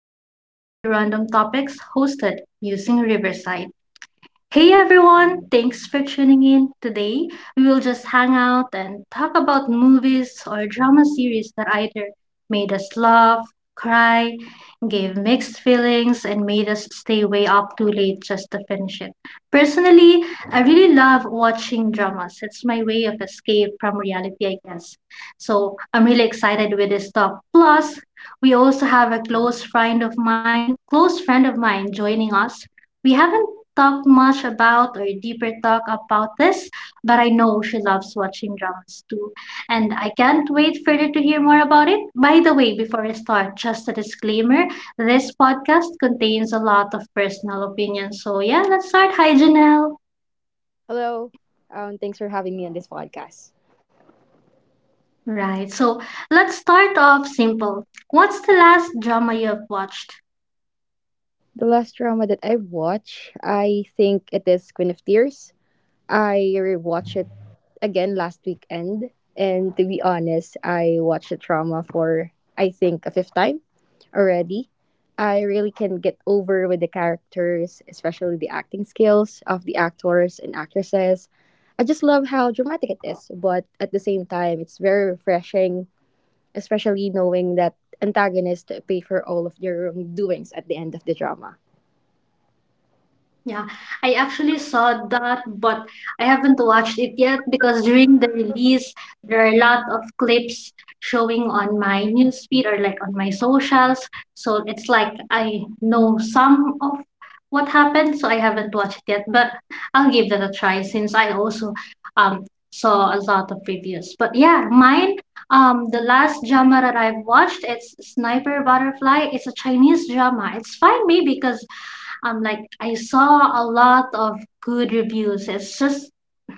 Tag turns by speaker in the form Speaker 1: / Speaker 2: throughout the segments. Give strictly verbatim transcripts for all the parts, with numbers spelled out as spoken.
Speaker 1: podcast with random topics hosted using Riverside. Hey everyone, thanks for tuning in. Today, we will just hang out and talk about movies or drama series that either made us laugh, cry, gave mixed feelings, and made us stay way up too late just to finish it. Personally, I really love watching dramas. It's my way of escape from reality, I guess. So, I'm really excited with this talk. Plus, we also have a close friend of mine, close friend of mine joining us. We haven't talk much about or deeper talk about this, but I know she loves watching dramas too. And I can't wait further to hear more about it. By the way, before I start, just a disclaimer, this podcast contains a lot of personal opinions. So, yeah, let's start. Hi, Janelle.
Speaker 2: Hello, um, thanks for having me on this podcast.
Speaker 1: Right, so let's start off simple. What's the last drama you have watched?
Speaker 2: The last drama that I've watched, I think it is Queen of Tears. I rewatched it again last weekend, and to be honest, I watched the drama for I think a fifth time already. I really can get over with the characters, especially the acting skills of the actors and actresses. I just love how dramatic it is, but at the same time, it's very refreshing especially knowing that antagonists pay for all of their wrongdoings at the end of the drama.
Speaker 1: Yeah, I actually saw that, but I haven't watched it yet because during the release, there are a lot of clips showing on my newsfeed or like on my socials. So it's like I know some of what happened, so I haven't watched it yet, but I'll give that a try since I also um saw a lot of reviews. But yeah, mine, um, the last drama that I've watched, it's Sniper Butterfly. It's a Chinese drama. It's fine maybe because um like I saw a lot of good reviews. It's just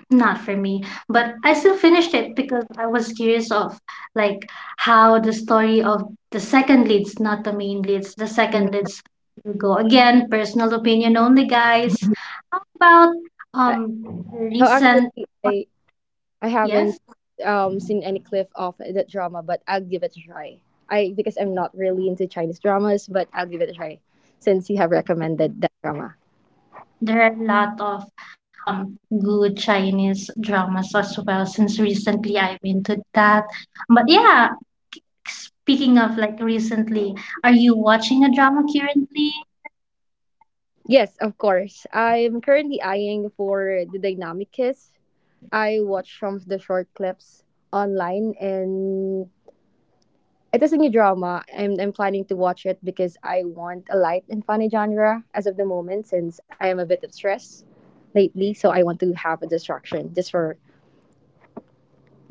Speaker 1: not for me, but I still finished it because I was curious of like how the story of the second leads, not the main leads, the second
Speaker 2: Mm.
Speaker 1: leads will go. Again, personal opinion only, guys.
Speaker 2: Uh,
Speaker 1: How about um
Speaker 2: so actually,
Speaker 1: recent?
Speaker 2: I I
Speaker 1: Yes,
Speaker 2: haven't um seen any clip of that drama, but I'll give it a try. I because I'm not really into Chinese dramas, but I'll give it a try since you have recommended that drama.
Speaker 1: there are a lot of um good Chinese dramas as well. Since recently I'm into that, but yeah, speaking of like recently, are you watching a drama currently?
Speaker 2: Yes, of course. I'm currently eyeing for the Dynamic Kiss. I watch from the short clips online and it is a new drama, and I'm planning to watch it because I want a light and funny genre as of the moment since I am a bit of stress lately, so I want to have a distraction just for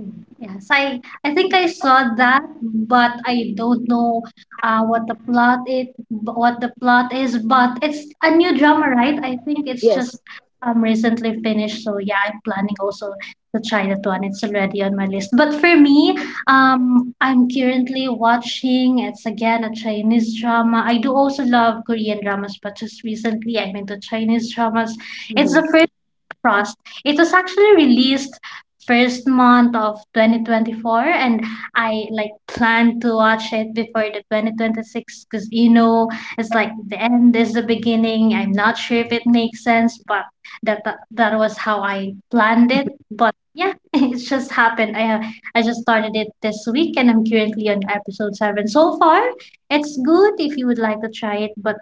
Speaker 1: Mm, yes, I I think I saw that, but I don't know uh what the plot it what the plot is, but it's a new drama, right? I think it's just
Speaker 2: yes.
Speaker 1: um recently finished, so yeah, I'm planning also to try that one. It's already on my list. But for me, um I'm currently watching, it's again a Chinese drama. I do also love Korean dramas, but just recently I'm into Chinese dramas. It's
Speaker 2: hmm
Speaker 1: the first Trust. It was actually released first month of twenty twenty-four, and I like planned to watch it before the twenty twenty-six because you know it's like the end is the beginning. I'm not sure if it makes sense, but that that, that was how I planned it. But yeah, it just happened. I uh, I just started it this week and I'm currently on episode seven so far. It's good if you would like to try it, but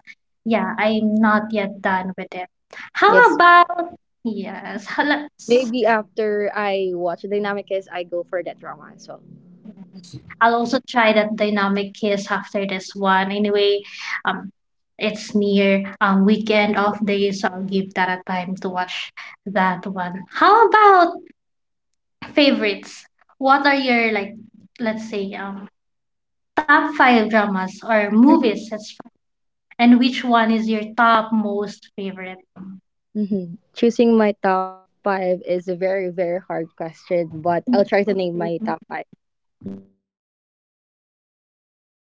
Speaker 1: yeah, I'm not yet done with it. How
Speaker 2: yes.
Speaker 1: about, yes, let's,
Speaker 2: Maybe after I watch Dynamicus, I go for that drama as well.
Speaker 1: I'll also try that dynamic kiss after this one. Anyway, um, it's near um weekend off day, so I'll give that a time to watch that one. How about favorites? What are your, like, let's say um top five dramas or movies? That's fi- and which one is your top most favorite?
Speaker 2: hmm Choosing my top five is a very very hard question, but I'll
Speaker 1: Mm,
Speaker 2: try to name my top five dramas that I remember.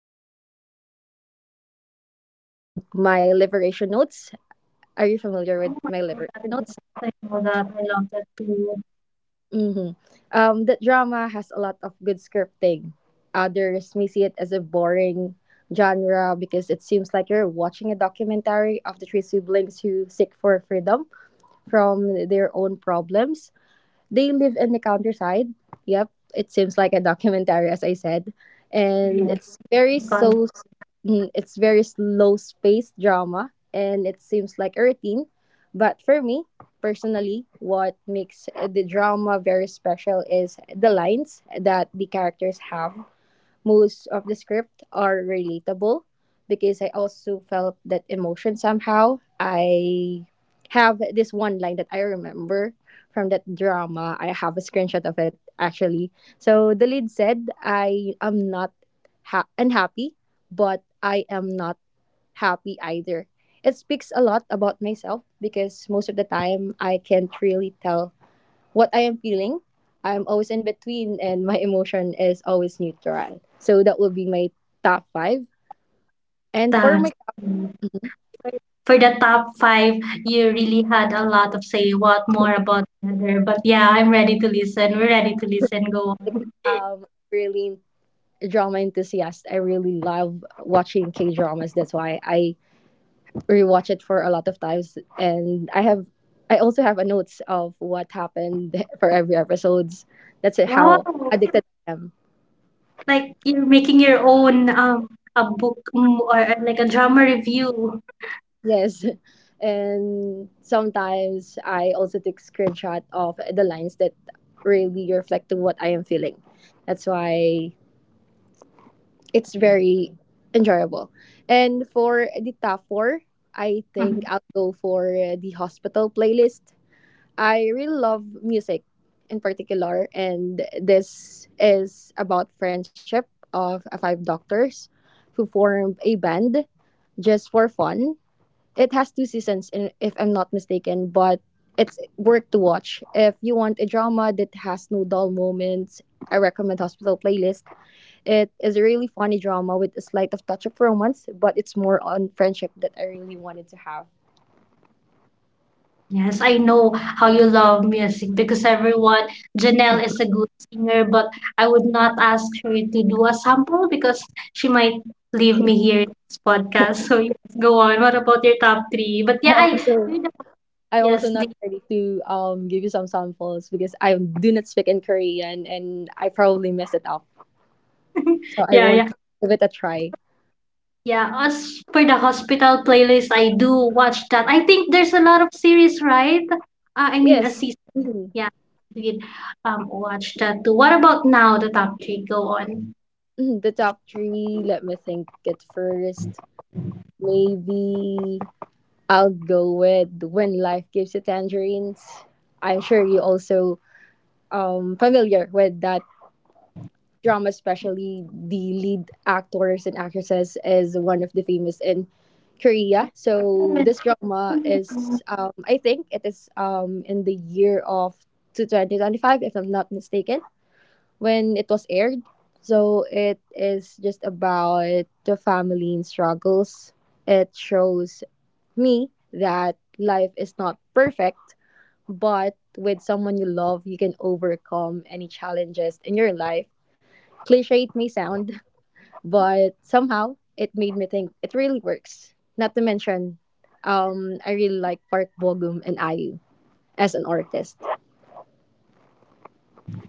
Speaker 2: Top five would be, I think, my Liberation Notes. Are you familiar with My literature Notes?
Speaker 1: I know that, I love that too.
Speaker 2: Mm-hmm. Um, that drama has a lot of good scripting. Others may see it as a boring genre because it seems like you're watching a documentary of the three siblings who seek for freedom from their own problems. They live in the countryside. Yep, it seems like a documentary, as I said, and
Speaker 1: Yes,
Speaker 2: it's very
Speaker 1: I got
Speaker 2: so. mm, It's very slow space drama, and it seems like a routine. But for me personally, what makes the drama very special is the lines that the characters have. Most of the script are relatable because I also felt that emotion somehow. I have this one line that I remember from that drama. I have a screenshot of it actually. So the lead said, "I am not ha- unhappy, but I am not happy either." It speaks a lot about myself because most of the time I can't really tell what I am feeling. I'm always in between and my emotion is always neutral. So that will be my top five. And for
Speaker 1: that.
Speaker 2: my
Speaker 1: For the top five, you really had a lot of say. What more about another? But yeah, I'm ready to listen. We're ready to listen. Go
Speaker 2: topic,
Speaker 1: on.
Speaker 2: um really drama enthusiast. I really love watching K dramas. That's why I rewatch it for a lot of times and I have I also have a notes of what happened for every episodes. That's how
Speaker 1: Wow.
Speaker 2: addicted I am.
Speaker 1: Like you're making your own um a book, mm, or uh, like a drama review.
Speaker 2: Yes. And sometimes I also take screenshot of the lines that really reflect to what I am feeling. That's why it's very enjoyable. And for the top four, I
Speaker 1: Mhm.
Speaker 2: think I'll go for the hospital playlist. I really love music in particular, and this is about friendship of five doctors who formed a band just for fun. It has two seasons, in- if I'm not mistaken, but it's worth to watch. If you want a drama that has no dull moments, I recommend Hospital Playlist. It is a really funny drama with a slight of touch of romance, but it's more on friendship that I really wanted to have.
Speaker 1: Yes, I know how you love music because, everyone, Janelle is a good singer, but I would not ask her to do a sample because she might leave me here in this podcast. So yes, go on. What about your top three? But
Speaker 2: I
Speaker 1: yeah, I
Speaker 2: also
Speaker 1: heard of-
Speaker 2: I'm also
Speaker 1: yes,
Speaker 2: not ready to um give you some samples because I do not speak in Korean and I probably mess it up. So I
Speaker 1: yeah, yeah.
Speaker 2: won't give it a try.
Speaker 1: Yeah, as for the hospital playlist, I do watch that. I think there's a lot of series, right? Uh, I mean, a
Speaker 2: Yes.
Speaker 1: season.
Speaker 2: Mhm.
Speaker 1: Yeah, we did um watch that too. What about now, the top three? Go on.
Speaker 2: Mhm, The top three, let me think it first. Maybe I'll go with When Life Gives You Tangerines. I'm sure you also um familiar with that drama, especially the lead actors and actresses is one of the famous in Korea. So this drama is um I think it is um in the year of twenty twenty-five if I'm not mistaken when it was aired. So it is just about the family and struggles. It shows me that life is not perfect, but with someone you love, you can overcome any challenges in your life. Cliche it may sound, but somehow it made me think it really works. Not to mention, um, I really like Park Bogum and I U as an artist.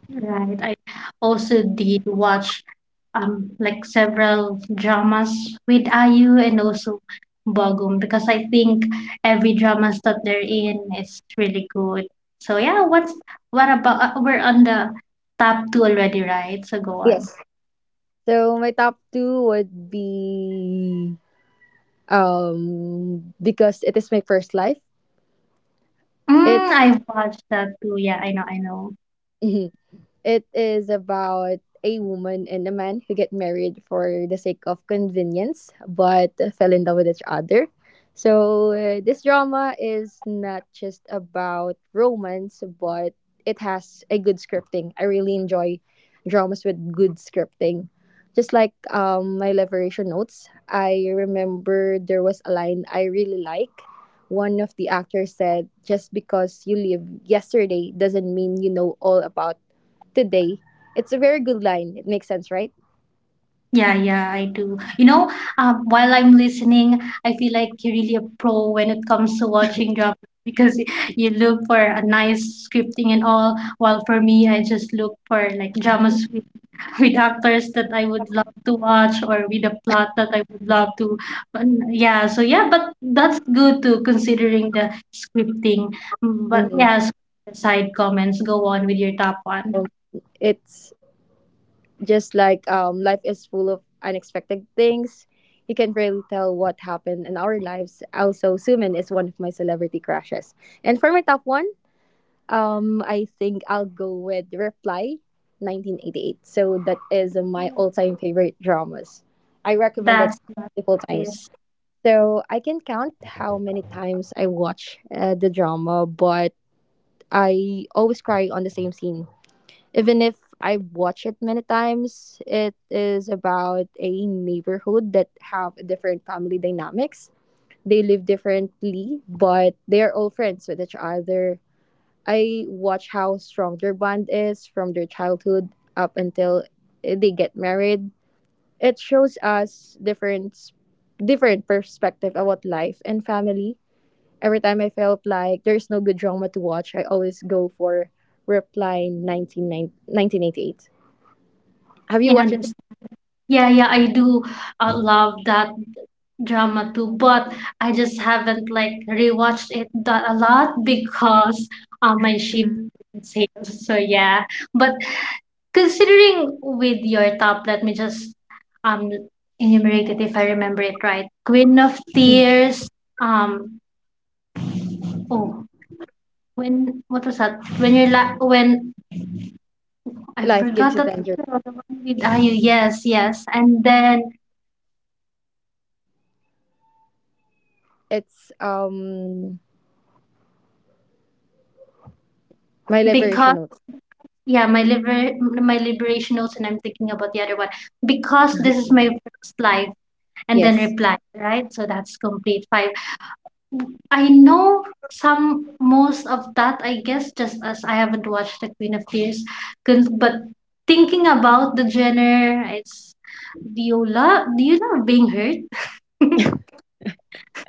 Speaker 1: Right. I also did watch um like several dramas with I U and also Bogum because I think every dramas that they're in is really good. So yeah, what's, what about uh, we're on the top two already, right? So go on.
Speaker 2: Yes. So my top two would be um because it is my first life. It
Speaker 1: Mm, I've watched that too. Yeah, I know, I know.
Speaker 2: It is about a woman and a man who get married for the sake of convenience but fell in love with each other. So, uh, this drama is not just about romance, but it has a good scripting. I really enjoy dramas with good scripting. Just like um, my liberation notes, I remember there was a line I really like. One of the actors said, "Just because you live yesterday doesn't mean you know all about today." It's a very good line. It makes sense, right?
Speaker 1: Yeah, yeah, I do. You know, uh, while I'm listening, I feel like you're really a pro when it comes to watching drama because y- you look for a nice scripting and all, while for me, I just look for like dramas with, with actors that I would love to watch or with a plot that I would love to. But yeah, so yeah, but that's good too, considering the scripting. Mm, but
Speaker 2: Mhm.
Speaker 1: yeah, so, side comments, go on with your top one.
Speaker 2: Um, It's just like um, life is full of unexpected things. You can't really tell what happened in our lives. Also, Suman is one of my celebrity crushes. And for my top one, um, I think I'll go with Reply nineteen eighty-eight. So that is my all-time favorite dramas. I recommend
Speaker 1: That's
Speaker 2: it
Speaker 1: what
Speaker 2: multiple
Speaker 1: it
Speaker 2: times.
Speaker 1: is.
Speaker 2: So I can count how many times I watch uh, the drama, but I always cry on the same scene. Even if I watch it many times, it is about a neighborhood that have different family dynamics. They live differently, but they are all friends with each other. I watch how strong their bond is from their childhood up until they get married. It shows us different different perspective about life and family. Every time I felt like there's no good drama to watch, I always go for Reply Nineteen Nineteen Eighty Eight. Have you
Speaker 1: Yeah,
Speaker 2: watched it?
Speaker 1: understand. Yeah, yeah, I do uh, love that drama too, but I just haven't like rewatched it that a lot because uh, my ship sales. So yeah, but considering with your top, let me just um enumerate it if I remember it right. Queen of
Speaker 2: Mm.
Speaker 1: Tears. Um. Oh, when what was that? When you're la when I
Speaker 2: Life Gives You
Speaker 1: forgot the
Speaker 2: Tangerine.
Speaker 1: title of the one with Ayu. Yes, yes, and then,
Speaker 2: It's um my liberation
Speaker 1: because,
Speaker 2: notes.
Speaker 1: yeah, my liber my liberation notes, and I'm thinking about the other one. Because this is my first life, and then
Speaker 2: Yes.
Speaker 1: reply, right? So that's complete five. I know some most of that, I guess, just as I haven't watched The Queen of Tears, Kun- but thinking about the genre, it's, do you love do you love being hurt?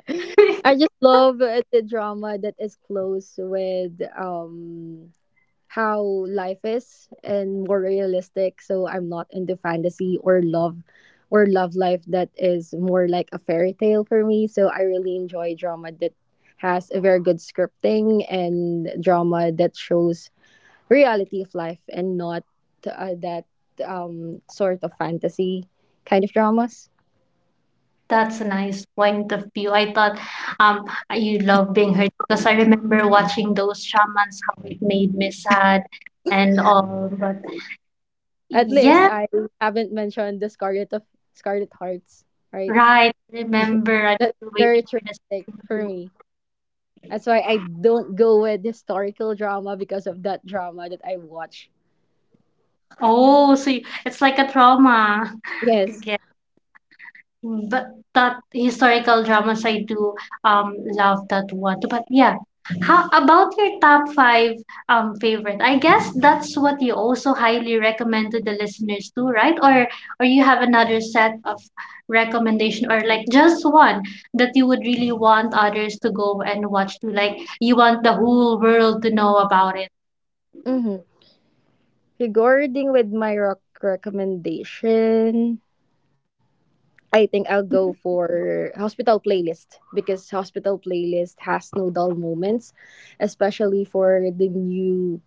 Speaker 2: I just love uh, the drama that is close with um how life is and more realistic. So I'm not into fantasy or love or love life that is more like a fairy tale for me. So I really enjoy drama that has a very good scripting and drama that shows reality of life and not uh, that um, sort of fantasy kind of dramas.
Speaker 1: That's a nice point of view. I thought um you love being hurt because I remember watching those shamans, how it made me sad and all. But
Speaker 2: At least
Speaker 1: yeah,
Speaker 2: I haven't mentioned the Scarlet of Scarlet Hearts, right?
Speaker 1: right. Remember, I'm
Speaker 2: That's
Speaker 1: still waiting
Speaker 2: very
Speaker 1: for this.
Speaker 2: traumatic for
Speaker 1: To-
Speaker 2: me. That's why I don't go with historical drama because of that drama that I watch.
Speaker 1: Oh, so you, it's like a trauma.
Speaker 2: Yes.
Speaker 1: Mm. But that historical dramas, I do, um, love that one. But yeah, how about your top five, um, favorite? I guess that's what you also highly recommend to the listeners too, right? Or or you have another set of recommendation or like just one that you would really want others to go and watch too, like you want the whole world to know about it.
Speaker 2: Mm-hmm. Regarding with my rock recommendation, I think I'll go for hospital playlist because hospital playlist has no dull moments, especially for the new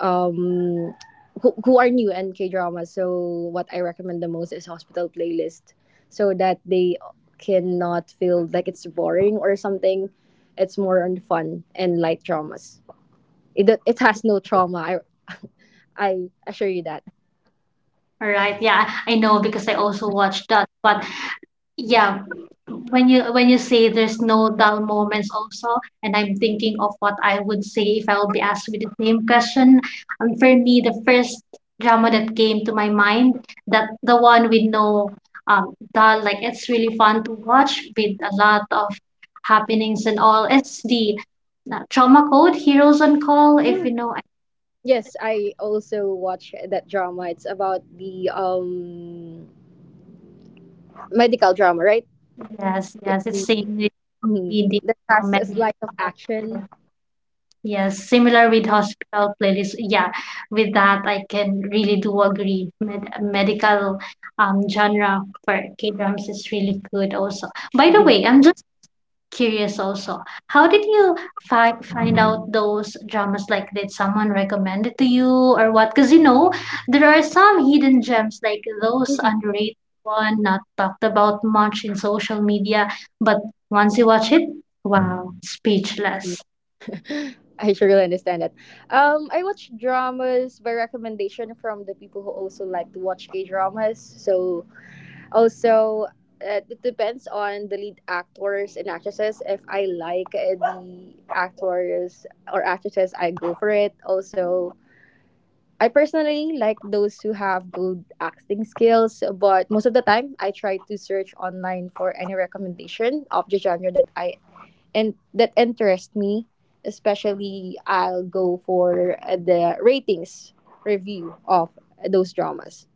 Speaker 2: um who, who are new in K drama. So what I recommend the most is hospital playlist so that they cannot feel like it's boring or something. It's more on fun and light dramas. It do- it has no trauma. I I assure you
Speaker 1: All right. Yeah, I know because I also watched that. But yeah. When you when you say there's no dull moments also, and I'm thinking of what I would say if I will
Speaker 2: that.
Speaker 1: be asked with the same question. Um, for me, the first drama that came to my mind, that the one with no um dull, like it's really fun to watch with a lot of happenings and all. It's the uh, Trauma Code Heroes on Call, if you know. I-
Speaker 2: Yes, I also watch that drama. It's about the um medical drama, right?
Speaker 1: yes, yes, it's same with
Speaker 2: Mhm.
Speaker 1: the
Speaker 2: That
Speaker 1: uh,
Speaker 2: has a
Speaker 1: medical.
Speaker 2: slice of
Speaker 1: uh,
Speaker 2: action.
Speaker 1: Yes, similar with hospital playlist. Yeah, with that, I can really do agree. Med medical um genre for K-dramas is really good also. By the
Speaker 2: Mhm.
Speaker 1: way, I'm just curious also. How did you find find out those dramas? Like, did someone recommend it to you or what? Because you know, there are some hidden gems like those underrated one, not talked about much in social media, but once you watch it, wow, speechless.
Speaker 2: I sure will understand that. Um, I watch dramas by recommendation from the people who also like to watch K dramas. So also, uh, it depends on the lead actors and actresses. If I like uh, the actors or actresses, I go for it. Also, I personally like those who have good acting skills, but most of the time I try to search online for any recommendation of the genre that I and that interests me. Especially, I'll go for uh, the ratings review of those dramas.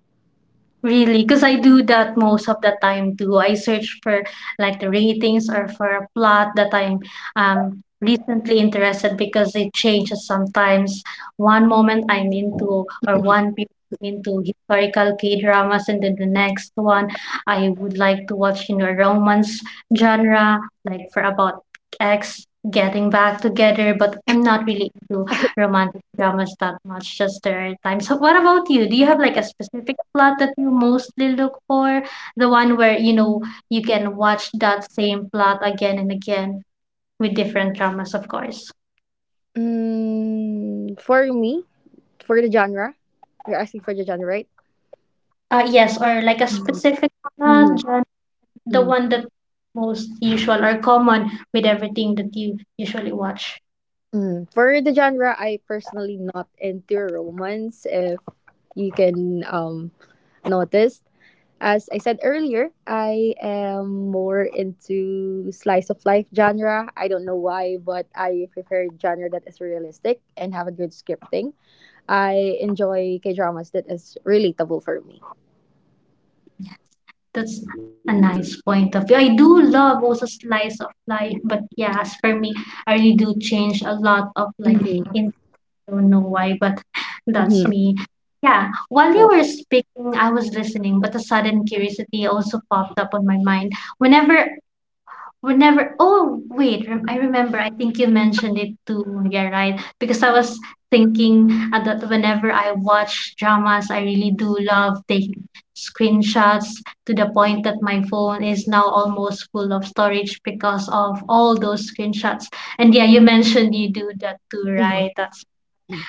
Speaker 1: Really, cause I do that most of the time too. I search for, like, the ratings or for a plot that I'm, um, recently interested because it changes sometimes. One moment I'm into or one period into historical K-dramas, and then the next one I would like to watch, in know, romance genre, like, for about ex getting back together, but I'm not really into romantic dramas that much, just the right time. So what about you? Do you have like a specific plot that you mostly look for? The one where, you know, you can watch that same plot again and again with different dramas, of course.
Speaker 2: Mm, for me, for the genre, you're asking for the genre, right?
Speaker 1: Uh yes, or like a specific plot,
Speaker 2: Mm-hmm.
Speaker 1: gen- the
Speaker 2: Mm.
Speaker 1: one that most usual or common with everything that you usually watch.
Speaker 2: Mm. For the genre, I personally not into romance. If you can um notice, as I said earlier, I am more into slice of life genre. I don't know why, but I prefer genre that is realistic and have a good scripting. I enjoy K dramas that is relatable for me.
Speaker 1: That's a nice point of view. I do love also slice of life, but yeah, as for me, I really do change a lot of like
Speaker 2: Mm-hmm.
Speaker 1: in, don't know why, but that's
Speaker 2: Mm-hmm.
Speaker 1: me. Yeah, while you were speaking, I was listening, but a sudden curiosity also popped up on my mind. Whenever, whenever, oh, wait, rem- I remember, I think you mentioned it too. Yeah, right. Because I was thinking uh, that whenever I watch dramas, I really do love taking screenshots to the point that my phone is now almost full of storage because of all those screenshots. And yeah, you mentioned you do that too,
Speaker 2: Mm-hmm.
Speaker 1: right? That's,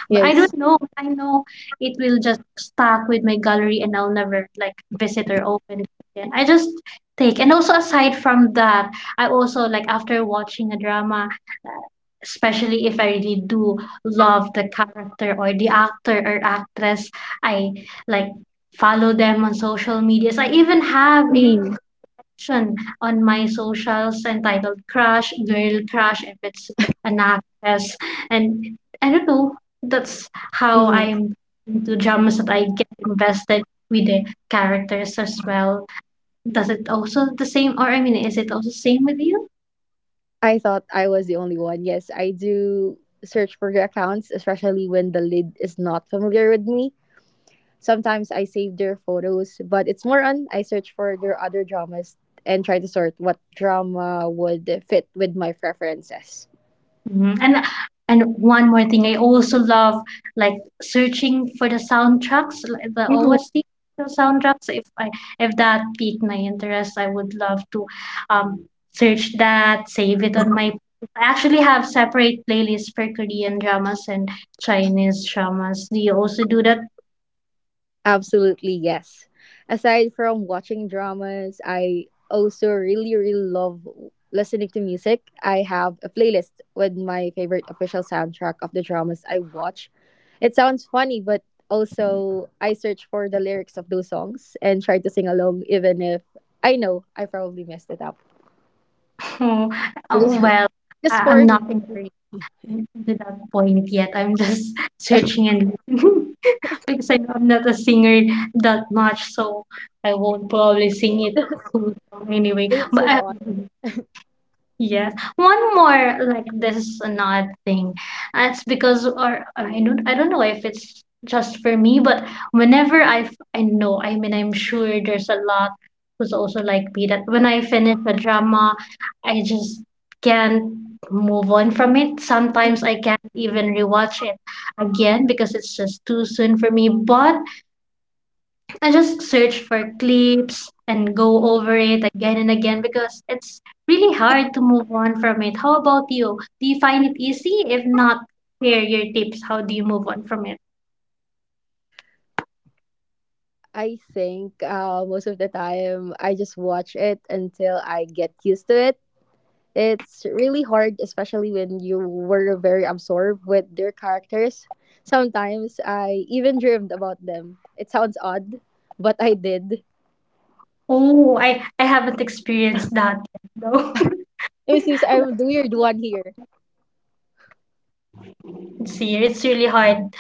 Speaker 1: but I don't
Speaker 2: Yes.
Speaker 1: know. I know it will just stuck with my gallery and I'll never like visit or open it again. I just take, and also aside from that, I also like after watching a drama, uh, especially if I really do love the character or the actor or actress, I like follow them on social medias. I even have a
Speaker 2: Mm-hmm.
Speaker 1: action on my socials entitled Crush, Girl Crush, if it's an actress. And I don't know, that's how
Speaker 2: Mm-hmm.
Speaker 1: I'm into dramas that I get invested with the characters as well. Does it also the same, or I mean, is it also same with you?
Speaker 2: I thought I was the only one. Yes, I do search for your accounts, especially when the lid is not familiar with me. Sometimes I save their photos, but it's more on I search for their other dramas and try to sort what drama would fit with my preferences.
Speaker 1: Mhm, and and one more thing, I also love, like, searching for the soundtracks, like the
Speaker 2: Mhm.
Speaker 1: O S T soundtracks. If I if that piqued my interest, I would love to, um, search that, save it on my I actually have separate playlists for Korean dramas and Chinese dramas. Do you also do that?
Speaker 2: Absolutely, yes. Aside from watching dramas, I also really, really love listening to music. I have a playlist with my favorite official soundtrack of the dramas I watch. It sounds funny, but also I search for the lyrics of those songs and try to sing along, even if I know I probably messed it up.
Speaker 1: Oh, oh,
Speaker 2: Just,
Speaker 1: well, I
Speaker 2: just
Speaker 1: I'm
Speaker 2: for me.
Speaker 1: not
Speaker 2: Just
Speaker 1: into
Speaker 2: for me.
Speaker 1: that into that point yet. I'm just searching and because I know I'm not a singer that much, so I won't probably sing it full song anyway.
Speaker 2: Does it
Speaker 1: But
Speaker 2: seem
Speaker 1: uh,
Speaker 2: odd?
Speaker 1: mhm, yes, one more like this is another thing. Uh, It's because, or I don't I don't know if it's just for me, but whenever I f- I know, I mean, I'm sure there's a lot who's also like me, that when I finish a drama, I just can't move on from it. Sometimes I can't even rewatch it again because it's just too soon for me. But I just search for clips and go over it again and again because it's really hard to move on from it. How about you? Do you find it easy? If not, share your tips. How do you move on from it?
Speaker 2: I think uh, most of the time I just watch it until I get used to it. It's really hard, especially when you were very absorbed with their characters. Sometimes I even dreamed about them. It sounds odd, but I did.
Speaker 1: Oh, I, I haven't experienced that yet, though.
Speaker 2: It seems I'm the weird one here.
Speaker 1: See, it's really hard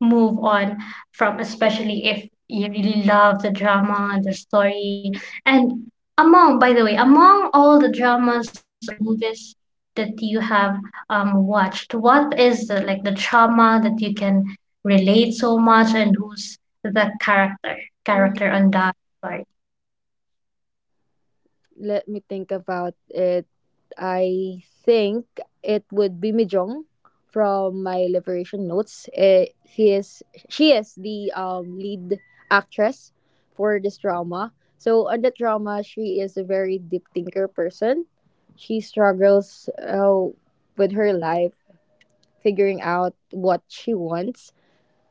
Speaker 1: move on from, especially if you really love the drama and the story. And among, by the way, among all the dramas or movies that you have um, watched, what is the, like the drama that you can relate so much, and who's the character
Speaker 2: Mm-hmm.
Speaker 1: character on that story?
Speaker 2: Let me think about it. I think it would be Mijong from My Liberation Notes. Eh, he is She is the um lead actress for this drama. So on the drama, she is a very deep thinker person. She struggles uh, with her life, figuring out what she wants.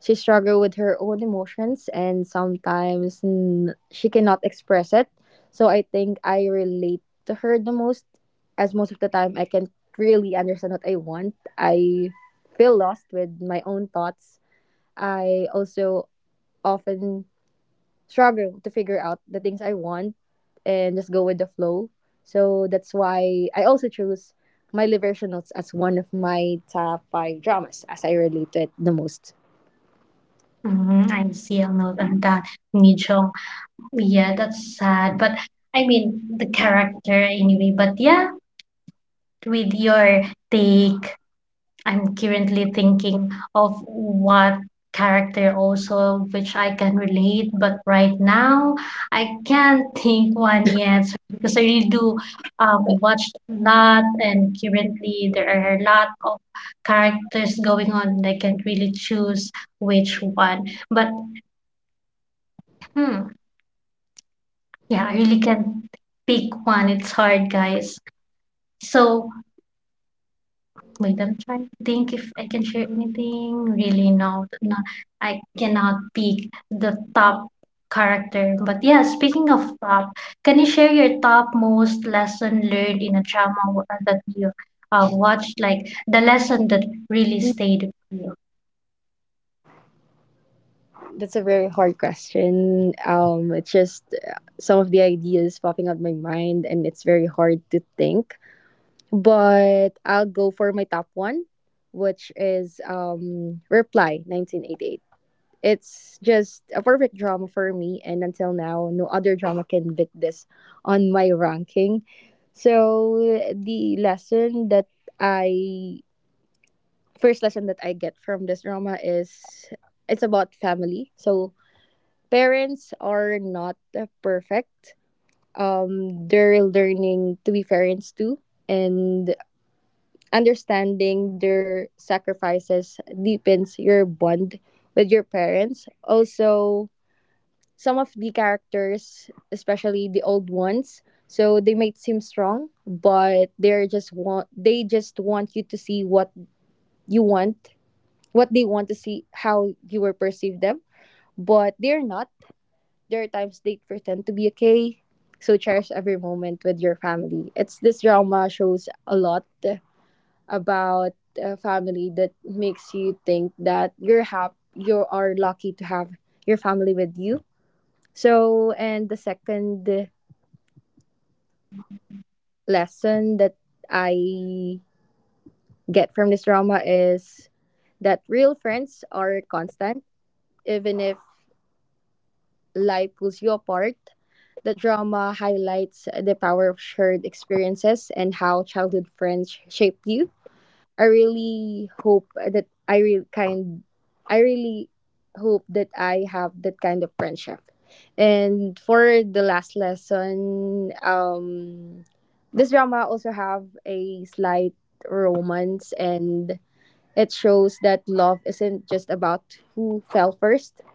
Speaker 2: She struggles with her own emotions, and sometimes n- she cannot express it. So I think I relate to her the most, as most of the time I can't really understand what I want. I feel lost with my own thoughts. I also often struggle to figure out the things I want, and just go with the flow. So that's why I also choose My Liberation Notes as one of my top five dramas, as I relate to it the most.
Speaker 1: Hmm, I see. I'll note on that. Mi Jong. Yeah, that's sad, but I mean the character anyway. But yeah, with your take, I'm currently thinking of what character also which I can relate, but right now I can't think one yet so- because I really do
Speaker 2: But
Speaker 1: um, watch a lot, and currently there are a lot of characters going on, and I can't really choose which one, but hmm, yeah, I really can't pick one. It's hard, guys. So wait, I'm trying to think if I can share anything. Really, no, no, I cannot pick the top character. But yeah, speaking of top, can you share your top most lesson learned in a drama w- uh, that you uh, watched? Like the lesson that really stayed with you.
Speaker 2: That's a very hard question. Um, it's just uh, some of the ideas popping out my mind, and it's very hard to think. But I'll go for my top one, which is um, Reply nineteen eighty-eight. It's just a perfect drama for me, and until now, no other drama can beat this on my ranking. So, the lesson that I first lesson that I get from this drama is it's about family. So, parents are not uh, perfect. Um, they're learning to be parents too, and understanding their sacrifices deepens your bond with your parents. Also, some of the characters, especially the old ones, so they might seem strong, but they're just want they just want you to see what you want, what they want to see, how you will perceive them. But they're not There are times they pretend to be okay, so cherish every moment with your family. It's This drama shows a lot about uh, family that makes you think that you're happy, you are lucky to have your family with you. So, and the second lesson that I get from this drama is that real friends are constant, even if life pulls you apart. The drama highlights the power of shared experiences and how childhood friends shaped you. I really hope that I really kind I really hope that I have that kind of friendship. And for the last lesson, um this drama also have a slight romance, and it shows that love isn't just about who fell first.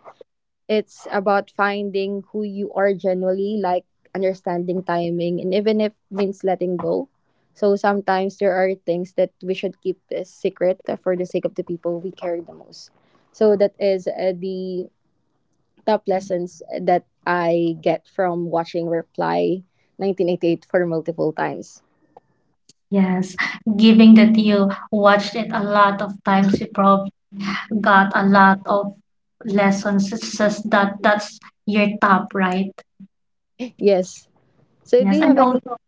Speaker 2: It's about finding who you are genuinely, like understanding timing, and even if means letting go. So sometimes there are things that we should keep a secret for the sake of the people we care the most. So that is uh, the top lessons that I get from watching Reply nineteen eighty-eight for multiple times.
Speaker 1: Yes, giving that you watched it a lot of times, you probably got a lot of lessons. It's just that that's your top, right?
Speaker 2: Yes. So do
Speaker 1: Yes,
Speaker 2: you
Speaker 1: and
Speaker 2: have any?
Speaker 1: also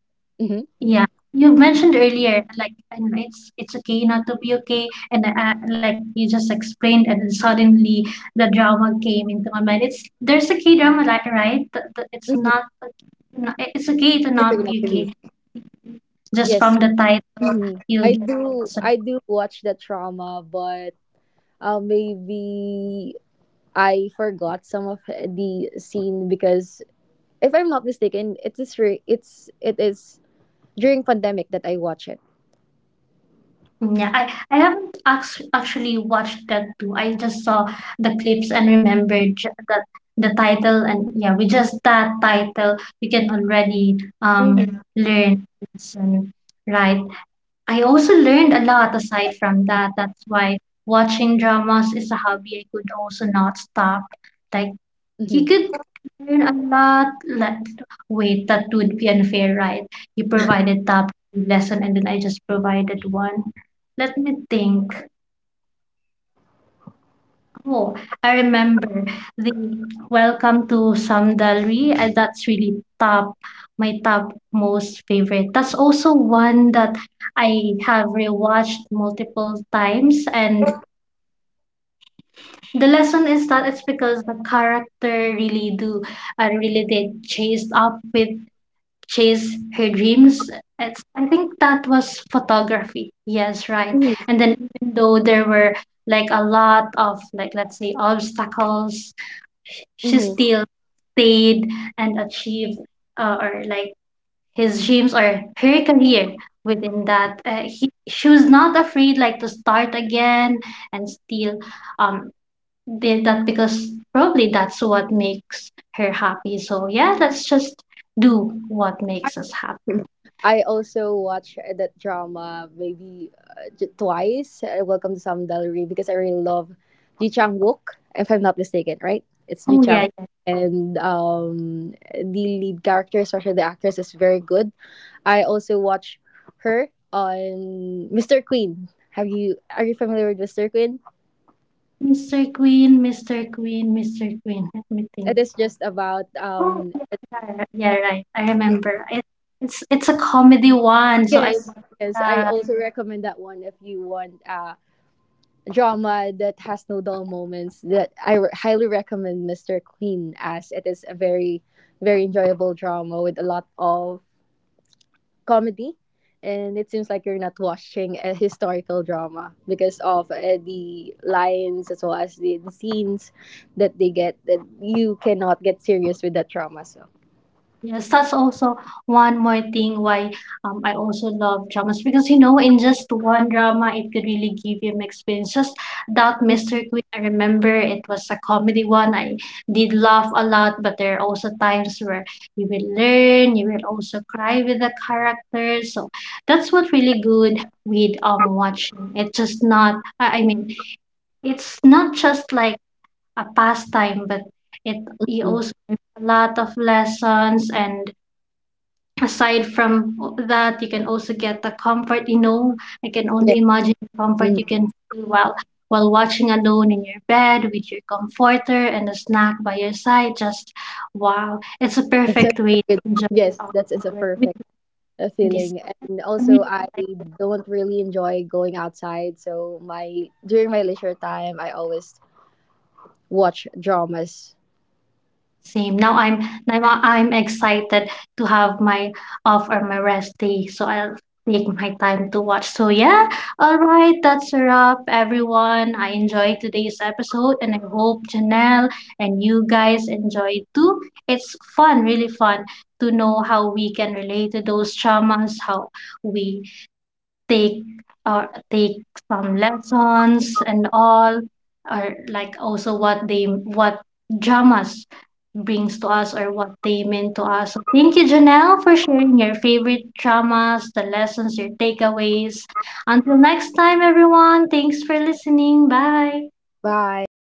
Speaker 2: Mhm.
Speaker 1: yeah, you mentioned earlier, like, and it's it's okay not to be okay, and uh, like you just explained, and then suddenly the drama came into my mind. It's there's a K drama, like, right? The, the, it's
Speaker 2: Mhm.
Speaker 1: not, no- it's okay to not
Speaker 2: It's
Speaker 1: be okay.
Speaker 2: a
Speaker 1: Just
Speaker 2: Yes.
Speaker 1: from the title,
Speaker 2: Mhm.
Speaker 1: you'll
Speaker 2: I
Speaker 1: get.
Speaker 2: do.
Speaker 1: So,
Speaker 2: I do watch the trauma, but uh, maybe I forgot some of the scene because if I'm not mistaken, it is re- it's it is during pandemic that I watch it.
Speaker 1: mm, yeah, I, I haven't act- actually watched that too. I just saw the clips and remembered ju- the the title, and yeah, with just that title, you can already
Speaker 2: Mm-hmm.
Speaker 1: um learn lesson, right? I also learned a lot aside from that. That's why watching dramas is a hobby I could also not stop. Like
Speaker 2: Hmm.
Speaker 1: he could learn a lot. Let, wait, that would be unfair, right? You provided top lesson and then I just provided one. Let me think. Oh, I remember the Welcome to Samdalri. Uh, that's really top, my top most favorite. That's also one that I have rewatched multiple times, and the lesson is that it's because the character really do uh, really did chase up with chase her dreams. It's, I think that was photography. Yes, right. And then even though there were like a lot of like, let's say, obstacles, sh- she
Speaker 2: Mm-hmm.
Speaker 1: still stayed and achieved uh, or like his dreams or her career within that. Uh, he, she was not afraid like to start again and still um did that because probably that's what makes her happy. So yeah, let's just do what makes us happy.
Speaker 2: I also watch that drama maybe uh, j- twice. Uh, Welcome to Some Delray, because I really love Ji Chang Wook, if I'm not mistaken, right? It's Ji
Speaker 1: Oh,
Speaker 2: Chang,
Speaker 1: yeah, yeah.
Speaker 2: and um, the lead character, especially the actress, is very good. I also watch her on mister Queen. Have you are you familiar with mister Queen?
Speaker 1: mister Queen, mister Queen, mister Queen. Let me
Speaker 2: It
Speaker 1: think.
Speaker 2: is just about
Speaker 1: Oh,
Speaker 2: um
Speaker 1: yeah, yeah, right. I remember. It, it's it's a comedy one, so I
Speaker 2: yes.
Speaker 1: watched
Speaker 2: Yes. I also recommend that one if you want uh, a drama that has no dull moments. That I re- highly recommend mister Queen, as it is a very very enjoyable drama with a lot of comedy, and it seems like you're not watching a historical drama because of uh, the lines, as well as the, the scenes that they get. That you cannot get serious with that drama. So
Speaker 1: yes, that's also one more thing why, um, I also love dramas because, you know, in just one drama, it could really give you an experience. Just that mister Queen, I remember it was a comedy one. I did laugh a lot, but there are also times where you will learn, you will also cry with the characters. So that's what really good with um watching. It's just not, I I mean, it's not just like a pastime, but it you
Speaker 2: mm,
Speaker 1: also a lot of lessons, and aside from that, you can also get the comfort. You know, I can
Speaker 2: yeah,
Speaker 1: only imagine the comfort you
Speaker 2: mm,
Speaker 1: can feel while while watching alone in your bed with your comforter and a snack by your side. Just wow, it's a
Speaker 2: that's a
Speaker 1: perfect way to
Speaker 2: very good.
Speaker 1: enjoy your
Speaker 2: Yes, that's it's a
Speaker 1: outdoor with
Speaker 2: perfect uh,
Speaker 1: this.
Speaker 2: feeling. And
Speaker 1: I'm really
Speaker 2: also, I don't really enjoy going outside. So my during my leisure time, I always watch dramas.
Speaker 1: same. Now I'm now I'm excited to have my off or my rest day, so I'll take my time to watch. So yeah, all right, that's a wrap, everyone. I enjoyed today's episode, and I hope Janelle and you guys enjoyed too. It's fun, really fun, to know how we can relate to those traumas, how we take or take some lessons and all, or like also what they what dramas brings to us or what they mean to us. So thank you, Janelle, for sharing your favorite dramas, the lessons, your takeaways. Until next time, everyone, thanks for listening. Bye.
Speaker 2: Bye.